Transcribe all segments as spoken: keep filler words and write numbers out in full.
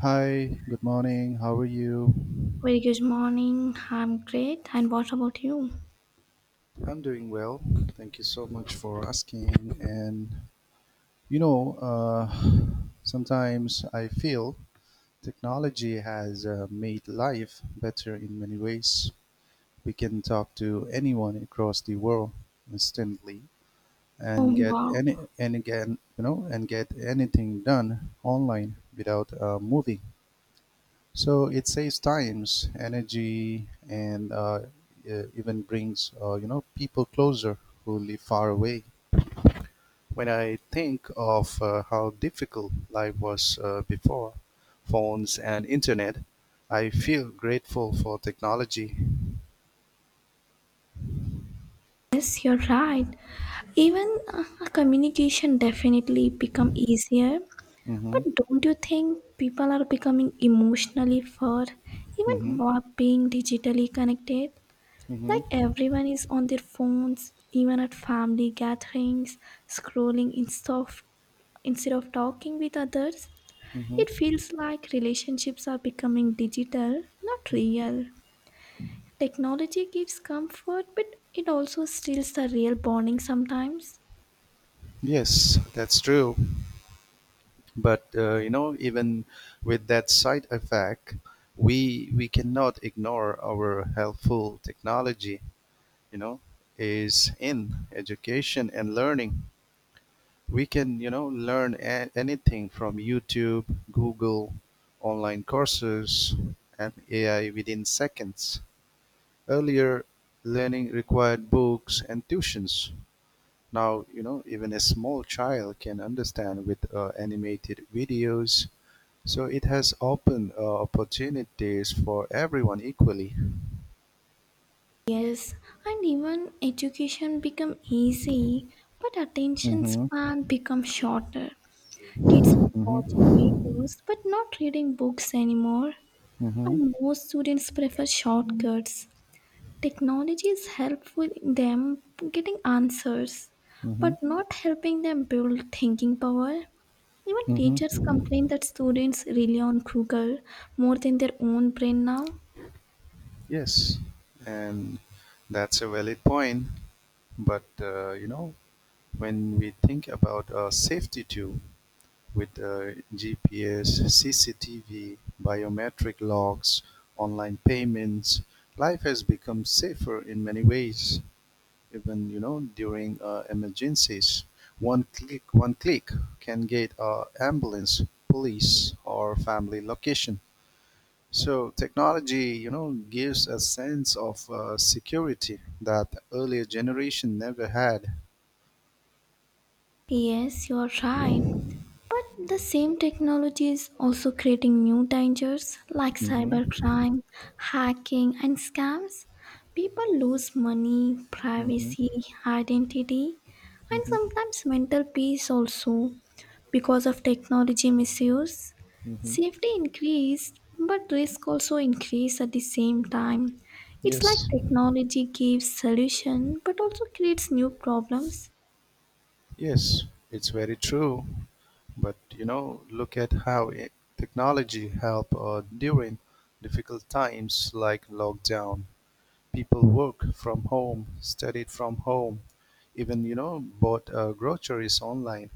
Hi, good morning. How are you? Very good morning. I'm great. And what about you? I'm doing well. Thank you so much for asking. And you know, uh, sometimes I feel technology has uh, made life better in many ways. We can talk to anyone across the world instantly Oh, and get wow. any and again, you know, and get anything done online without uh, moving. So it saves times, energy, and uh, e- even brings uh, you know people closer who live far away. When I think of uh, how difficult life was uh, before phones and internet, I feel grateful for technology. Yes, you're right. Even uh, communication definitely become easier. Mm-hmm. But don't you think people are becoming emotionally far, Mm-hmm. even while being digitally connected? Mm-hmm. Like everyone is on their phones, even at family gatherings, scrolling instead of instead of talking with others. Mm-hmm. It feels like relationships are becoming digital, not real. Technology gives comfort, but it also steals the real bonding sometimes. Yes, that's true. But uh, you know, even with that side effect, we we cannot ignore our helpful technology you know, is in education and learning. We can, you know, learn a- anything from YouTube, Google, online courses, and A I within seconds. Earlier, learning required books and tuitions. Now, you know, even a small child can understand with uh, animated videos. So it has opened uh, opportunities for everyone equally. Yes, and even education become easy, but attention Mm-hmm. span become shorter. Kids are watching Mm-hmm. videos but not reading books anymore, Mm-hmm. and most students prefer shortcuts. Technology is helpful in them getting answers, Mm-hmm. but not helping them build thinking power. Even teachers Mm-hmm. complain that students rely on Google more than their own brain now. Yes, and that's a valid point. But uh, you know, when we think about uh, safety too, with uh, G P S, C C T V, biometric logs, online payments, life has become safer in many ways. Even you know during uh, emergencies, one click, one click can get uh, ambulance, police, or family location. So technology, you know, gives a sense of uh, security that earlier generation never had. Yes, you're right. But the same technology is also creating new dangers like Hmm. cybercrime, hacking, and scams. People lose money, Hmm. privacy, identity, and Hmm. sometimes mental peace also, because of technology misuse. Hmm. Safety increased, but risk also increased at the same time. It's like Yes, technology gives solution but also creates new problems. yes, it's very true. But you know, look at how I technology help uh, during difficult times like lockdown. People work from home, studied from home, even you know, bought uh, groceries online.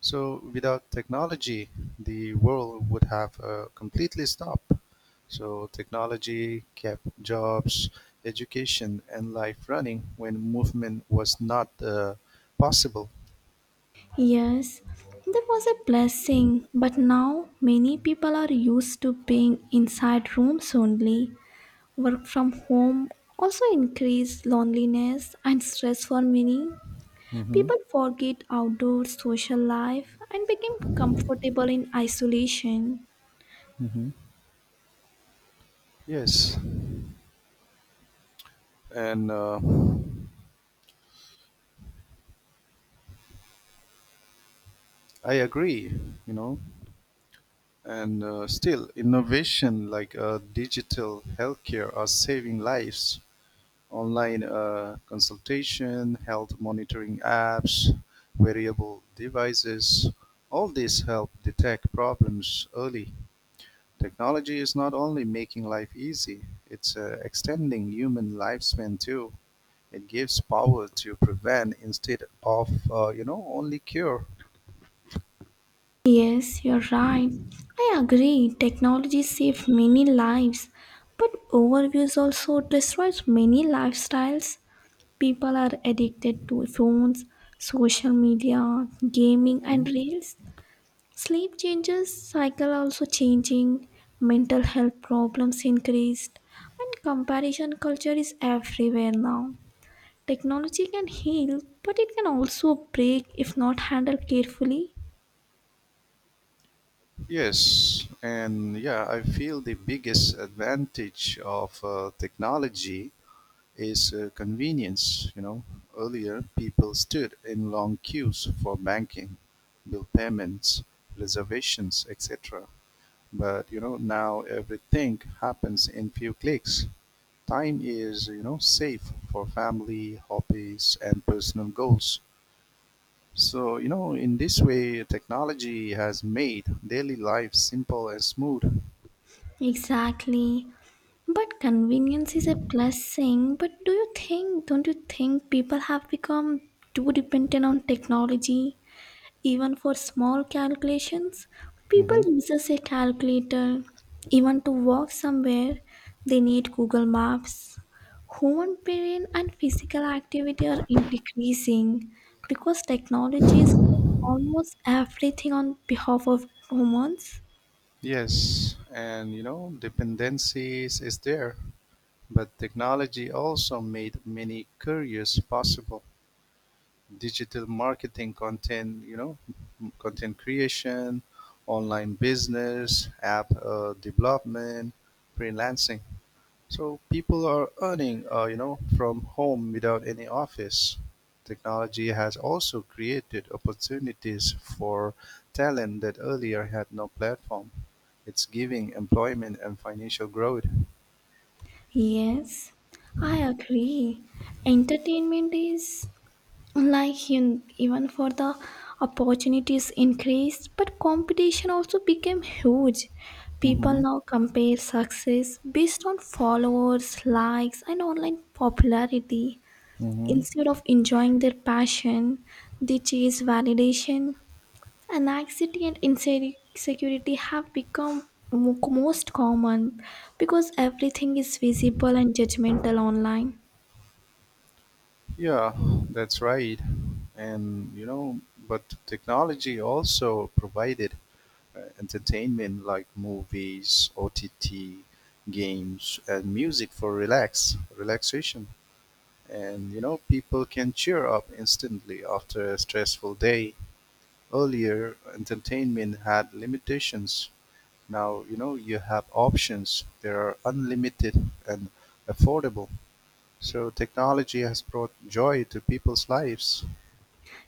So without technology, the world would have uh, completely stopped. So technology kept jobs, education, and life running when movement was not uh, possible. Yes, that was a blessing, but now many people are used to being inside rooms only. Work from home also increased loneliness and stress for many. Hmm. People forget outdoor social life and became comfortable in isolation. Hmm. Yes, and uh, I agree. You know, and uh, still innovation like uh, digital healthcare are saving lives online uh, consultation, health monitoring apps, wearable devices. All these help detect problems early. Technology is not only making life easy, it's uh, extending human lifespan too. It gives power to prevent instead of, uh, you know, only cure. Yes, you're right. I agree. Technology saved many lives, but overuse also destroys many lifestyles. People are addicted to phones, social media, gaming, and Mhm. reels. Sleep changes, cycle also changing, mental health problems increased, and comparison culture is everywhere now. Technology can heal, but it can also break if not handled carefully. Yes, and yeah, I feel the biggest advantage of uh, technology is a convenience. You know, earlier people stood in long queues for banking, bill payments, reservations, et cetera. But you know, now everything happens in few clicks. Time is you know safe for family, hobbies, and personal goals. So you know, in this way, technology has made daily life simple and smooth. Exactly. But convenience is a blessing. But do you think, don't you think people have become too dependent on technology? Even for small calculations, people Mhm. uses a calculator. Even to walk somewhere, they need Google Maps. Human brain and physical activity are increasing because technology is doing almost everything on behalf of humans. Yes, and you know, dependencies is there. But technology also made many careers possible. Digital marketing, content, you know, content creation, online business, app uh, development, freelancing. So people are earning, uh, you know, from home without any office. Technology has also created opportunities for talent that earlier had no platform. It's giving employment and financial growth. Yes, I agree. Entertainment is like in, even for the opportunities increased, but competition also became huge. People Mm-hmm. now compare success based on followers, likes, and online popularity Mm-hmm. instead of enjoying their passion. They chase validation. Anxiety and insecurity have become mo- most common because everything is visible and judgmental online. Yeah, that's right. And you know, but technology also provided uh, entertainment like movies, O T T, games, and music for relax, relaxation. And you know, people can cheer up instantly after a stressful day. Earlier, entertainment had limitations. Now, you know, you have options. They are unlimited and affordable. So technology has brought joy to people's lives.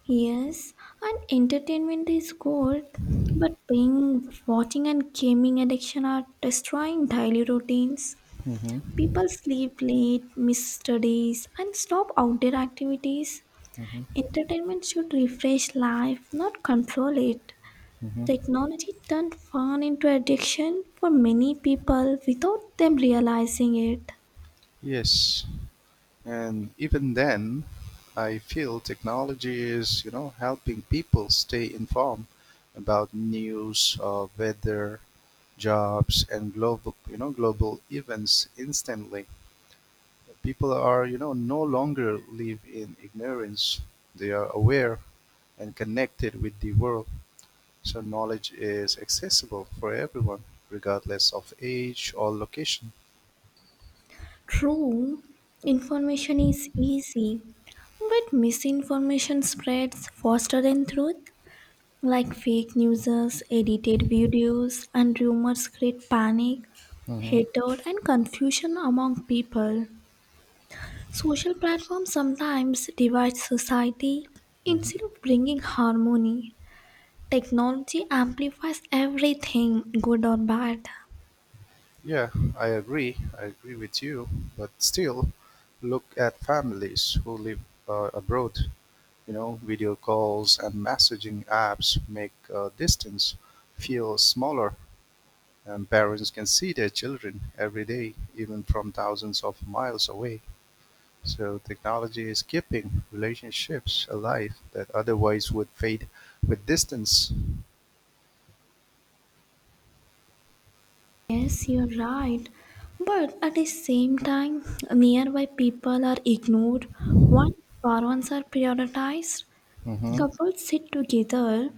Yes, and entertainment is good, but being watching and gaming addiction are destroying daily routines. Hmm. People sleep late, miss studies, and stop outdoor activities. Hmm. Entertainment should refresh life, not control it. Hmm. Technology turned fun into addiction for many people without them realizing it. Yes, and even then, I feel technology is, you know, helping people stay informed about news, uh, weather, jobs, and global, you know, global events instantly. People are, you know, no longer live in ignorance. They are aware and connected with the world. So knowledge is accessible for everyone, regardless of age or location. True, information is easy, but misinformation spreads faster than truth. Like fake news, edited videos, and rumors create panic, Hmm. hatred, and confusion among people. Social platforms sometimes divide society instead of bringing harmony. Technology amplifies everything, good or bad. Yeah, I agree. I agree with you. But still, look at families who live uh, abroad. You know, video calls and messaging apps make uh, distance feel smaller, and parents can see their children every day, even from thousands of miles away. So, technology is keeping relationships alive that otherwise would fade with distance. Yes, you're right. But at the same time, nearby people are ignored while far ones are prioritized. Hmm. Couples sit together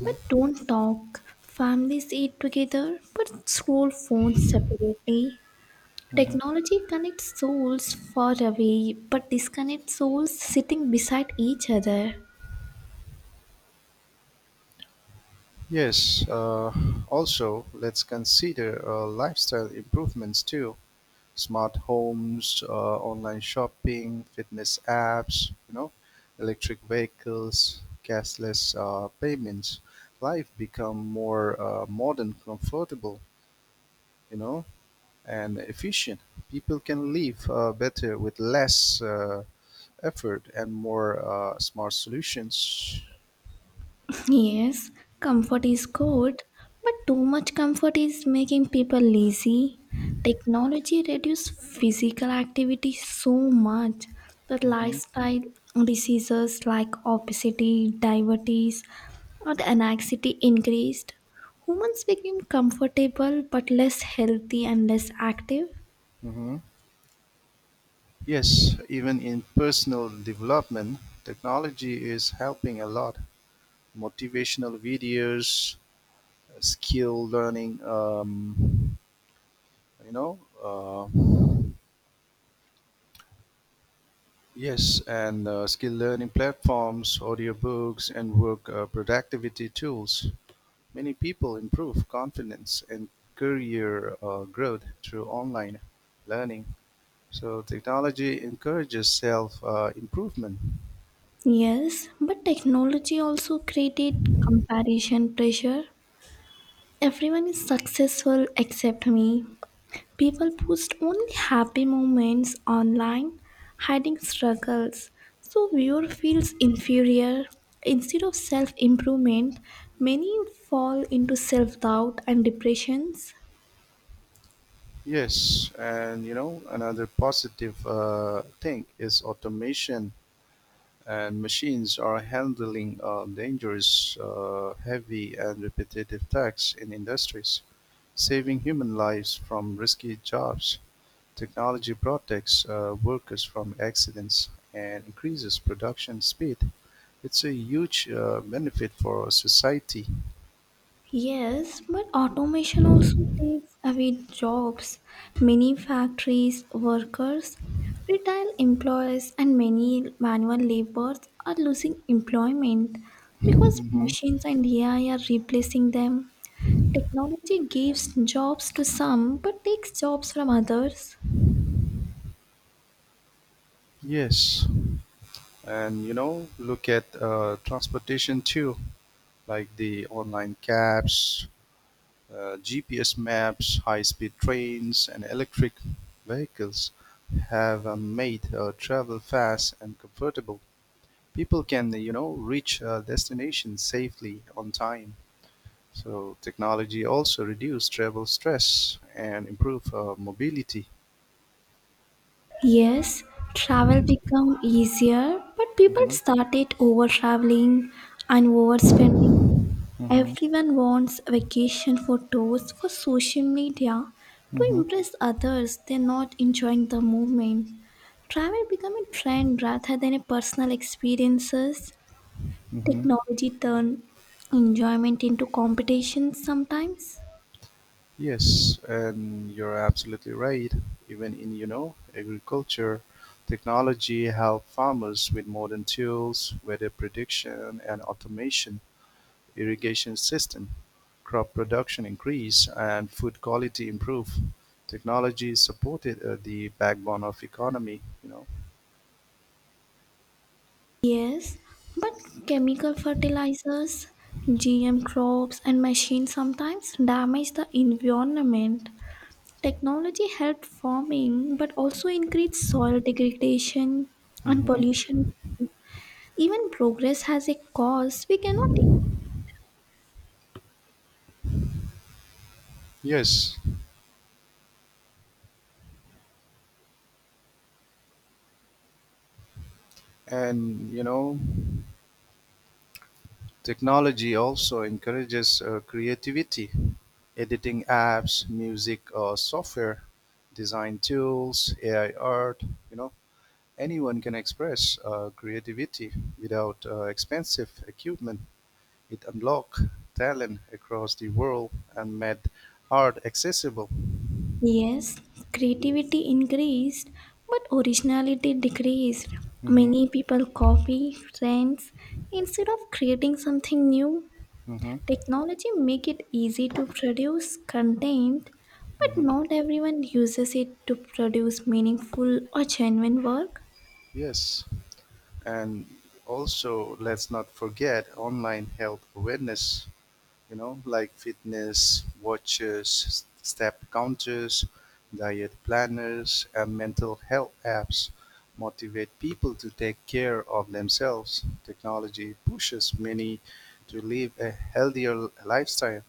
but don't talk. Families eat together but scroll phones separately. Hmm. Technology connects souls far away but disconnects souls sitting beside each other. Yes, uh, also let's consider uh, lifestyle improvements too. Smart homes, uh, online shopping, fitness apps, you know, electric vehicles, cashless uh, payments. Life become more uh, modern, comfortable, you know, and efficient. People can live uh, better with less uh, effort and more uh, smart solutions. Yes, comfort is good, but too much comfort is making people lazy. Technology reduces physical activity so much that Hmm. lifestyle diseases like obesity, diabetes, or the anxiety increased. Humans became comfortable but less healthy and less active. Hmm. Yes, even in personal development, technology is helping a lot. Motivational videos, skill learning, um, you know, uh, yes, and uh, skill learning platforms, audiobooks, and work uh, productivity tools. Many people improve confidence and career uh, growth through online learning. So, technology encourages self uh, improvement. Yes, but technology also created comparison pressure. Everyone is successful except me. People post only happy moments online, hiding struggles, so viewer feels inferior. Instead of self improvement, many fall into self doubt and depressions. Yes, and you know, another positive uh, thing is automation, and machines are handling uh, dangerous, uh, heavy, and repetitive tasks in industries, saving human lives from risky jobs. Technology protects uh, workers from accidents and increases production speed. It's a huge uh, benefit for society. Yes, but automation also takes away jobs. Many factories, workers, retail employees, and many manual laborers are losing employment because Hmm. machines and A I are replacing them. Technology gives jobs to some but takes jobs from others. Yes, and you know, look at uh, transportation too. Like the online cabs, uh, G P S maps, high speed trains, and electric vehicles have uh, made uh, travel fast and comfortable. People can, you know, reach uh, destinations safely on time. So technology also reduce travel stress and improve uh, mobility. Yes, travel become easier, but people Hmm. started over traveling and overspending. Hmm. Everyone wants vacation photos for social media to Hmm. impress others. They're not enjoying the movement. Travel become a trend rather than a personal experiences. Hmm. Technology turn enjoyment into competition sometimes. Yes, and you're absolutely right. Even in, you know, agriculture, technology help farmers with modern tools, weather prediction and automation, irrigation system, crop production increase, and food quality improve. Technology supported uh, the backbone of economy, you know. Yes, but chemical fertilizers, G M crops, and machines sometimes damage the environment. Technology helped farming but also increased soil degradation and Mhm. pollution. Even progress has a cost we cannot ignore. Yes, and you know, technology also encourages uh, creativity: editing apps, music or software, design tools, A I art, you know. Anyone can express uh, creativity without uh, expensive equipment. It unlocked talent across the world and made art accessible. Yes, creativity increased but originality decreased. Hmm. Many people copy trends instead of creating something new. Hmm. Technology make it easy to produce content, but Hmm. not everyone uses it to produce meaningful or genuine work. Yes. And also, let's not forget online health awareness. You know, like fitness watches, step counters, diet planners, and mental health apps motivate people to take care of themselves. Technology pushes many to live a healthier lifestyle.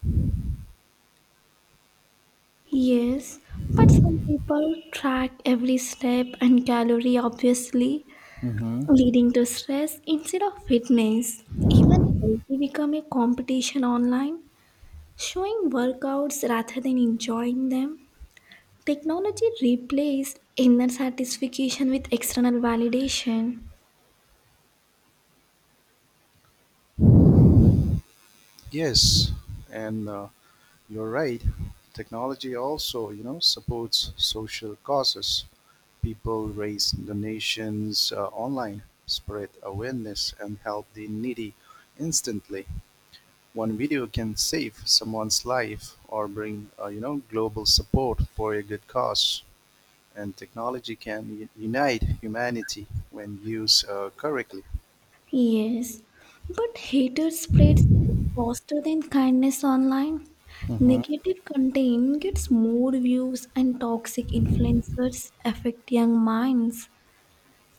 Yes, but some people track every step and calorie obviously, Hmm. leading to stress instead of fitness. Even healthy become a competition online, showing workouts rather than enjoying them. Technology replaced inner satisfaction with external validation. Yes, and uh, you're right. Technology also, you know, supports social causes. People raise donations uh, online, spread awareness, and help the needy instantly. One video can save someone's life or bring, uh, you know, global support for a good cause. And technology can u- unite humanity when used uh, correctly. Yes, but hatred spreads faster than kindness online. Mhm. Negative content gets more views, and toxic influencers affect young minds.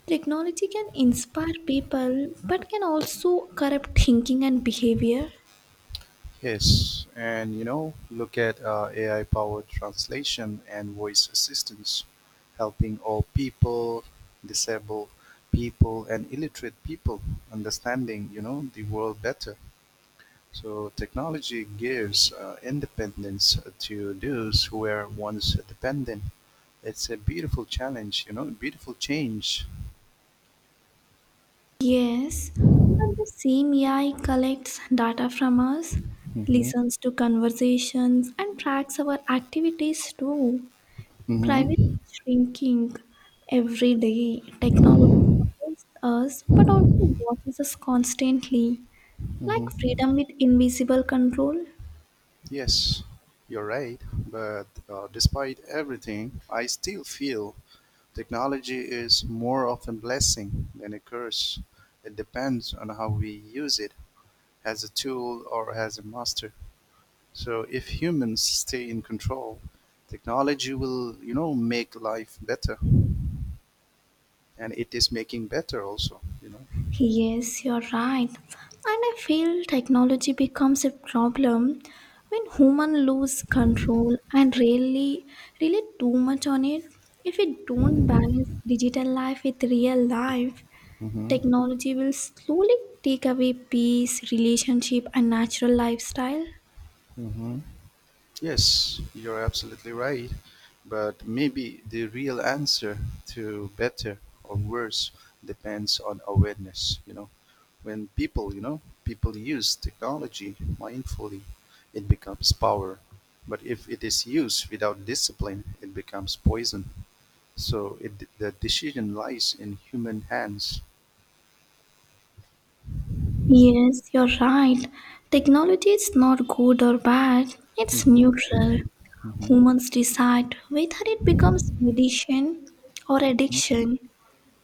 Technology can inspire people but can also corrupt thinking and behavior. Yes, and you know, look at uh, A I powered translation and voice assistance helping all people, disabled people, and illiterate people understanding, you know, the world better. So technology gives uh, independence to those who were once dependent. It's a beautiful challenge, you know, beautiful change. Yes, but the same A I collects data from us, Mm-hmm. listens to conversations, and tracks our activities too. Climate Mm-hmm. is shrinking every day. Technology supports us but also watches us constantly, like Mm-hmm. freedom with invisible control. Yes, you're right. But uh, despite everything, I still feel technology is more of a blessing than a curse. It depends on how we use it as a tool or as a master. So if humans stay in control, technology will, you know, make life better. And it is making better also, you know. Yes, you're right. And I feel technology becomes a problem when human lose control and really really too much on it. If we don't balance digital life with real life, Mm-hmm. technology will slowly take away peace, relationship, and natural lifestyle. Mm-hmm. Yes, you're absolutely right. But maybe the real answer to better or worse depends on awareness, you know. When people, you know, people use technology mindfully, it becomes power. But if it is used without discipline, it becomes poison. So it, the decision lies in human hands. Yes, you're right. Technology is not good or bad, it's Hmm. neutral. Hmm. Humans decide whether it becomes medicine or Hmm. addiction.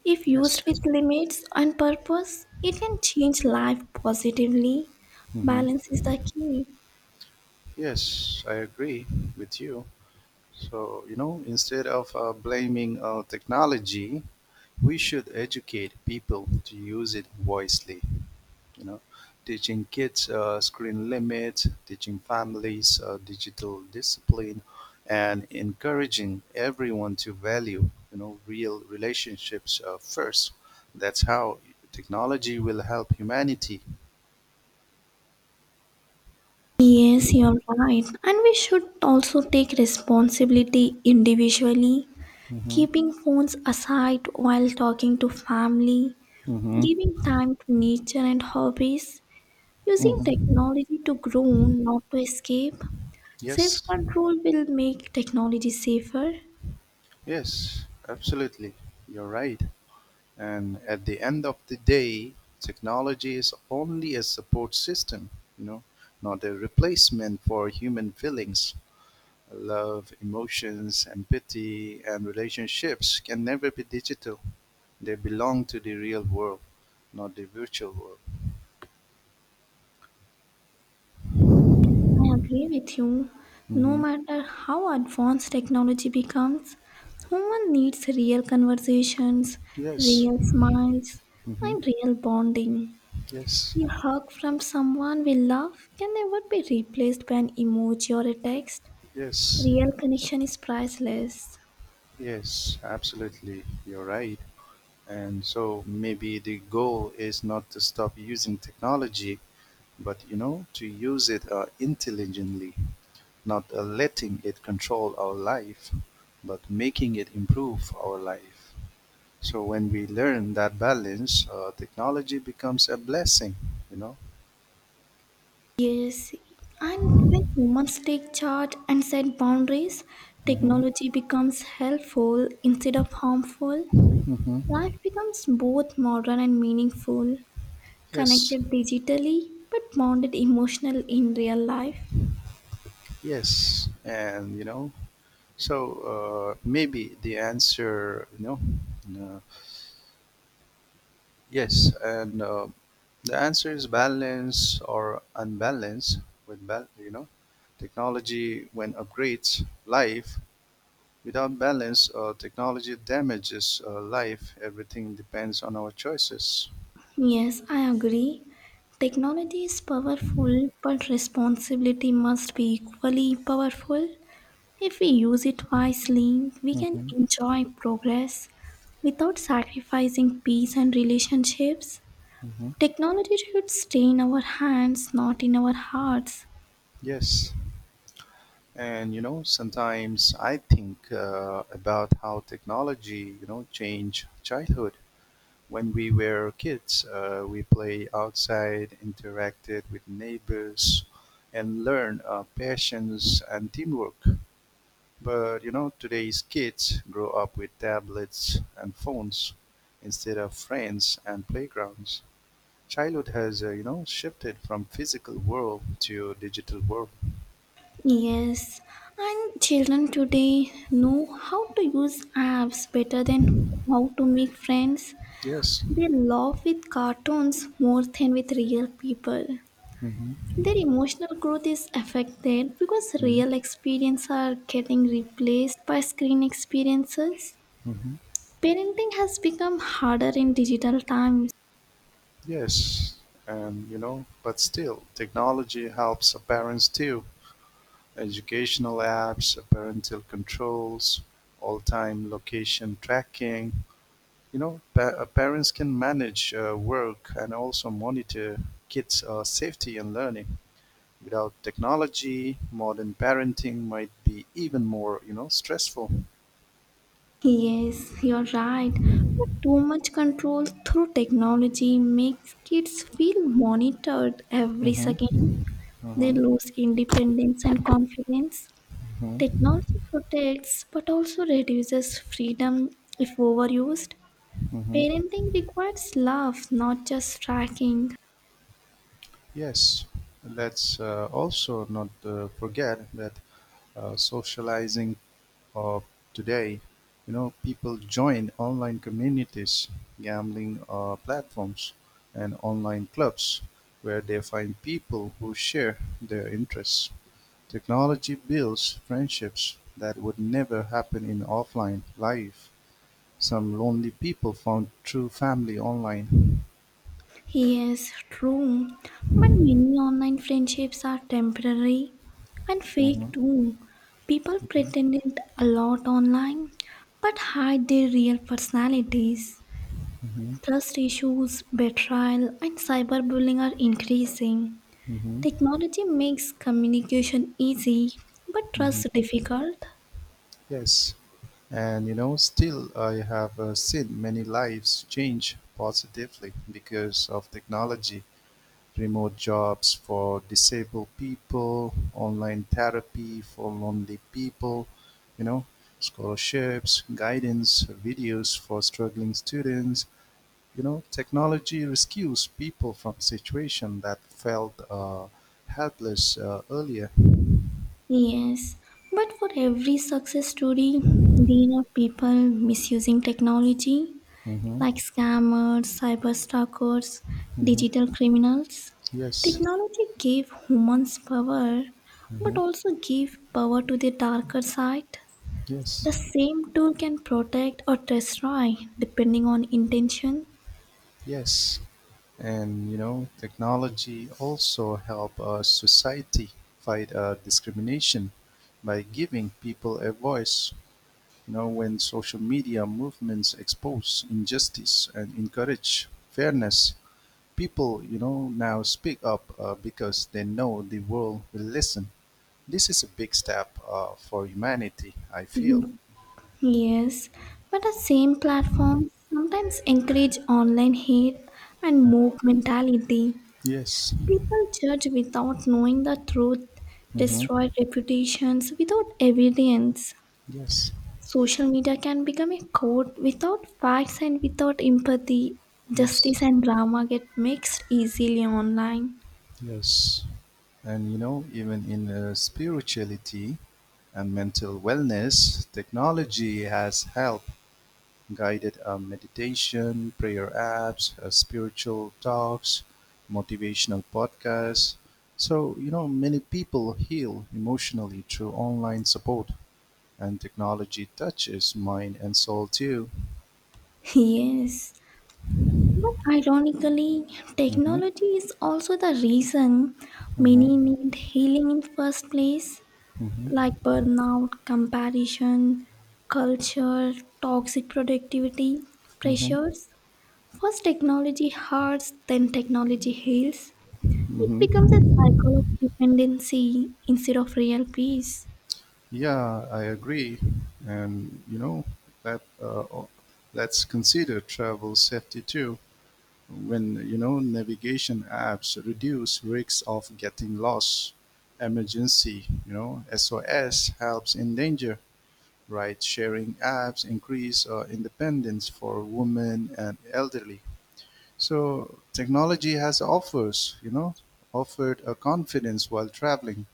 If Yes. used with limits and purpose, it can change life positively. Hmm. Balance is the key. Yes, I agree with you. So, you know, instead of uh, blaming uh, technology, we should educate people to use it wisely. You know, teaching kids uh, screen limits, teaching families uh, digital discipline, and encouraging everyone to value, you know, real relationships uh, first. That's how technology will help humanity. Yes, you're right. And we should also take responsibility individually, Mm-hmm. keeping phones aside while talking to family, Mm-hmm. giving time to nature and hobbies, using Mm-hmm. technology to grow, not to escape. Self Yes, control will make technology safer. yes, absolutely. You're right. And at the end of the day, technology is only a support system, you know, not a replacement for human feelings. Love, emotions, empathy, and relationships can never be digital. They belong to the real world, not the virtual world. I agree with you. No Hmm. matter how advanced technology becomes, human needs real conversations, Yes. real smiles, Hmm. and real bonding. Yes. A hug from someone we love can never be replaced by an emoji or a text. Yes. Real connection is priceless. Yes. Absolutely. You're right. And so maybe the goal is not to stop using technology, but you know to use it uh, intelligently, not uh, letting it control our life but making it improve our life. So when we learn that balance, uh, technology becomes a blessing, you know. Yes, and when humans take charge and set boundaries, Hmm. technology becomes helpful instead of harmful. Hmm. Life becomes both modern and meaningful, Yes, connected digitally but bonded emotional in real life. yes, and you know, so uh, maybe the answer you know uh, yes and uh, the answer is balance or unbalance. With bal- you know technology when upgrades life, without balance uh, technology damages uh, life. Everything depends on our choices. Yes, I agree. Technology is powerful, but responsibility must be equally powerful. If we use it wisely, we can Hmm. enjoy progress without sacrificing peace and relationships. Hmm. Technology should stay in our hands, not in our hearts. Yes, and you know, sometimes I think uh, about how technology you know change childhood. When we were kids, uh, we play outside, interacted with neighbors, and learn uh, patience and teamwork. But you know, today's kids grow up with tablets and phones instead of friends and playgrounds. Childhood has uh, you know shifted from physical world to digital world. Yes, and children today know how to use apps better than how to make friends. Yes. They laugh with cartoons more than with real people. Hmm. Their emotional growth is affected because Hmm. real experiences are getting replaced by screen experiences. Hmm. Parenting has become harder in digital times. Yes. And you know, but still, technology helps our parents too. Educational apps, parental controls, all-time location tracking. You know, pa- uh, parents can manage uh, work and also monitor kids' uh, safety and learning. Without technology, modern parenting might be even more, you know, stressful. Yes, you're right. But too much control through technology makes kids feel monitored every second. Hmm. They Hmm. lose independence and confidence. Hmm. Technology protects but also reduces freedom if overused. Hmm. Parenting requires love, not just tracking. Yes, let's uh, also not uh, forget that uh, socializing of today, you know, people join online communities, gambling uh, platforms, and online clubs where they find people who share their interests. Technology builds friendships that would never happen in offline life. Some lonely people found true family online. Yes, true. But many online friendships are temporary and Mhm, fake too. People mhm, pretend it a lot online but hide their real personalities. mhm, Trust issues, betrayal, and cyberbullying are increasing. mhm, Technology makes communication easy but mhm. trust difficult. Yes. And you know, still, I have uh, seen many lives change positively because of technology, remote jobs for disabled people, online therapy for lonely people, you know, scholarships, guidance, videos for struggling students. You know, technology rescues people from situation that felt uh, helpless uh, earlier. Yes, but for every success story, there are people misusing technology Mm-hmm, like scammers, cyber stalkers, mm-hmm. digital criminals. Yes. Technology gave humans power, but Mm-hmm. also gave power to the darker side. Yes. The same tool can protect or destroy depending on intention. Yes. And you know, technology also help our society fight uh, discrimination by giving people a voice, you know, when social media movements expose injustice and encourage fairness. People you know now speak up uh, because they know the world will listen. This is a big step uh, for humanity, I feel. Mhm. Yes, but the same platform sometimes encourage online hate and mob mentality. Yes. People judge without knowing the truth, Hmm. destroy reputations without evidence. Yes. Social media can become a court without facts and without empathy. Yes. Justice and drama get mixed easily online. Yes, and you know, even in uh, spirituality and mental wellness, technology has helped guided uh, meditation, prayer apps, uh, spiritual talks, motivational podcasts. So, you know, many people heal emotionally through online support, and technology touches mind and soul too. Yes. But ironically, Hmm. technology is also the reason Hmm. many need healing in first place, Hmm. like burnout, comparison, culture, toxic productivity, Hmm. pressures. First, technology hurts, then, technology heals. It becomes a Hmm. cycle of dependency instead of real peace. Yeah, I agree. And, you know, that, uh, let's consider travel safety too. When you know navigation apps reduce risks of getting lost, emergency you know S O S helps in danger, right sharing apps increase uh, independence for women and elderly. So technology has offers you know offered a confidence while traveling.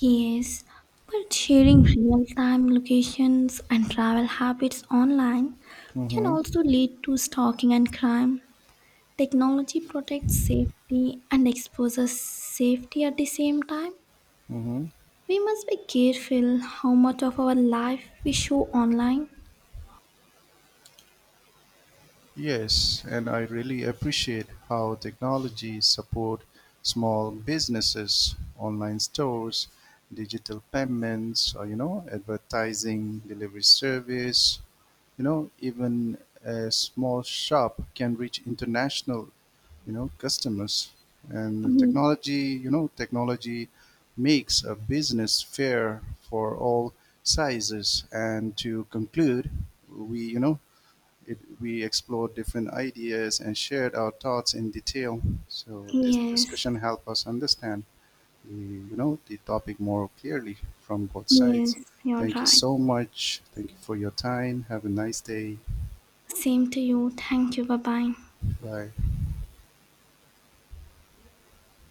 Yes, but sharing real time locations and travel habits online can Hmm. also lead to stalking and crime. Technology protects safety and exposes safety at the same time. Hmm. We must be careful how much of our life we show online. Yes, and I really appreciate how technology support small businesses, online stores, digital payments, or, you know, advertising, delivery service, you know, even a small shop can reach international, you know, customers. And Mm. technology, you know, technology makes a business fair for all sizes. And to conclude, we, you know, it, we explored different ideas and shared our thoughts in detail. So this Yes, discussion helped us understand the, you know, the topic more clearly from both sides. yes, you're Thank you right. so much. Thank you for your time. Have a nice day. Same to you. Thank you. Bye bye. Bye.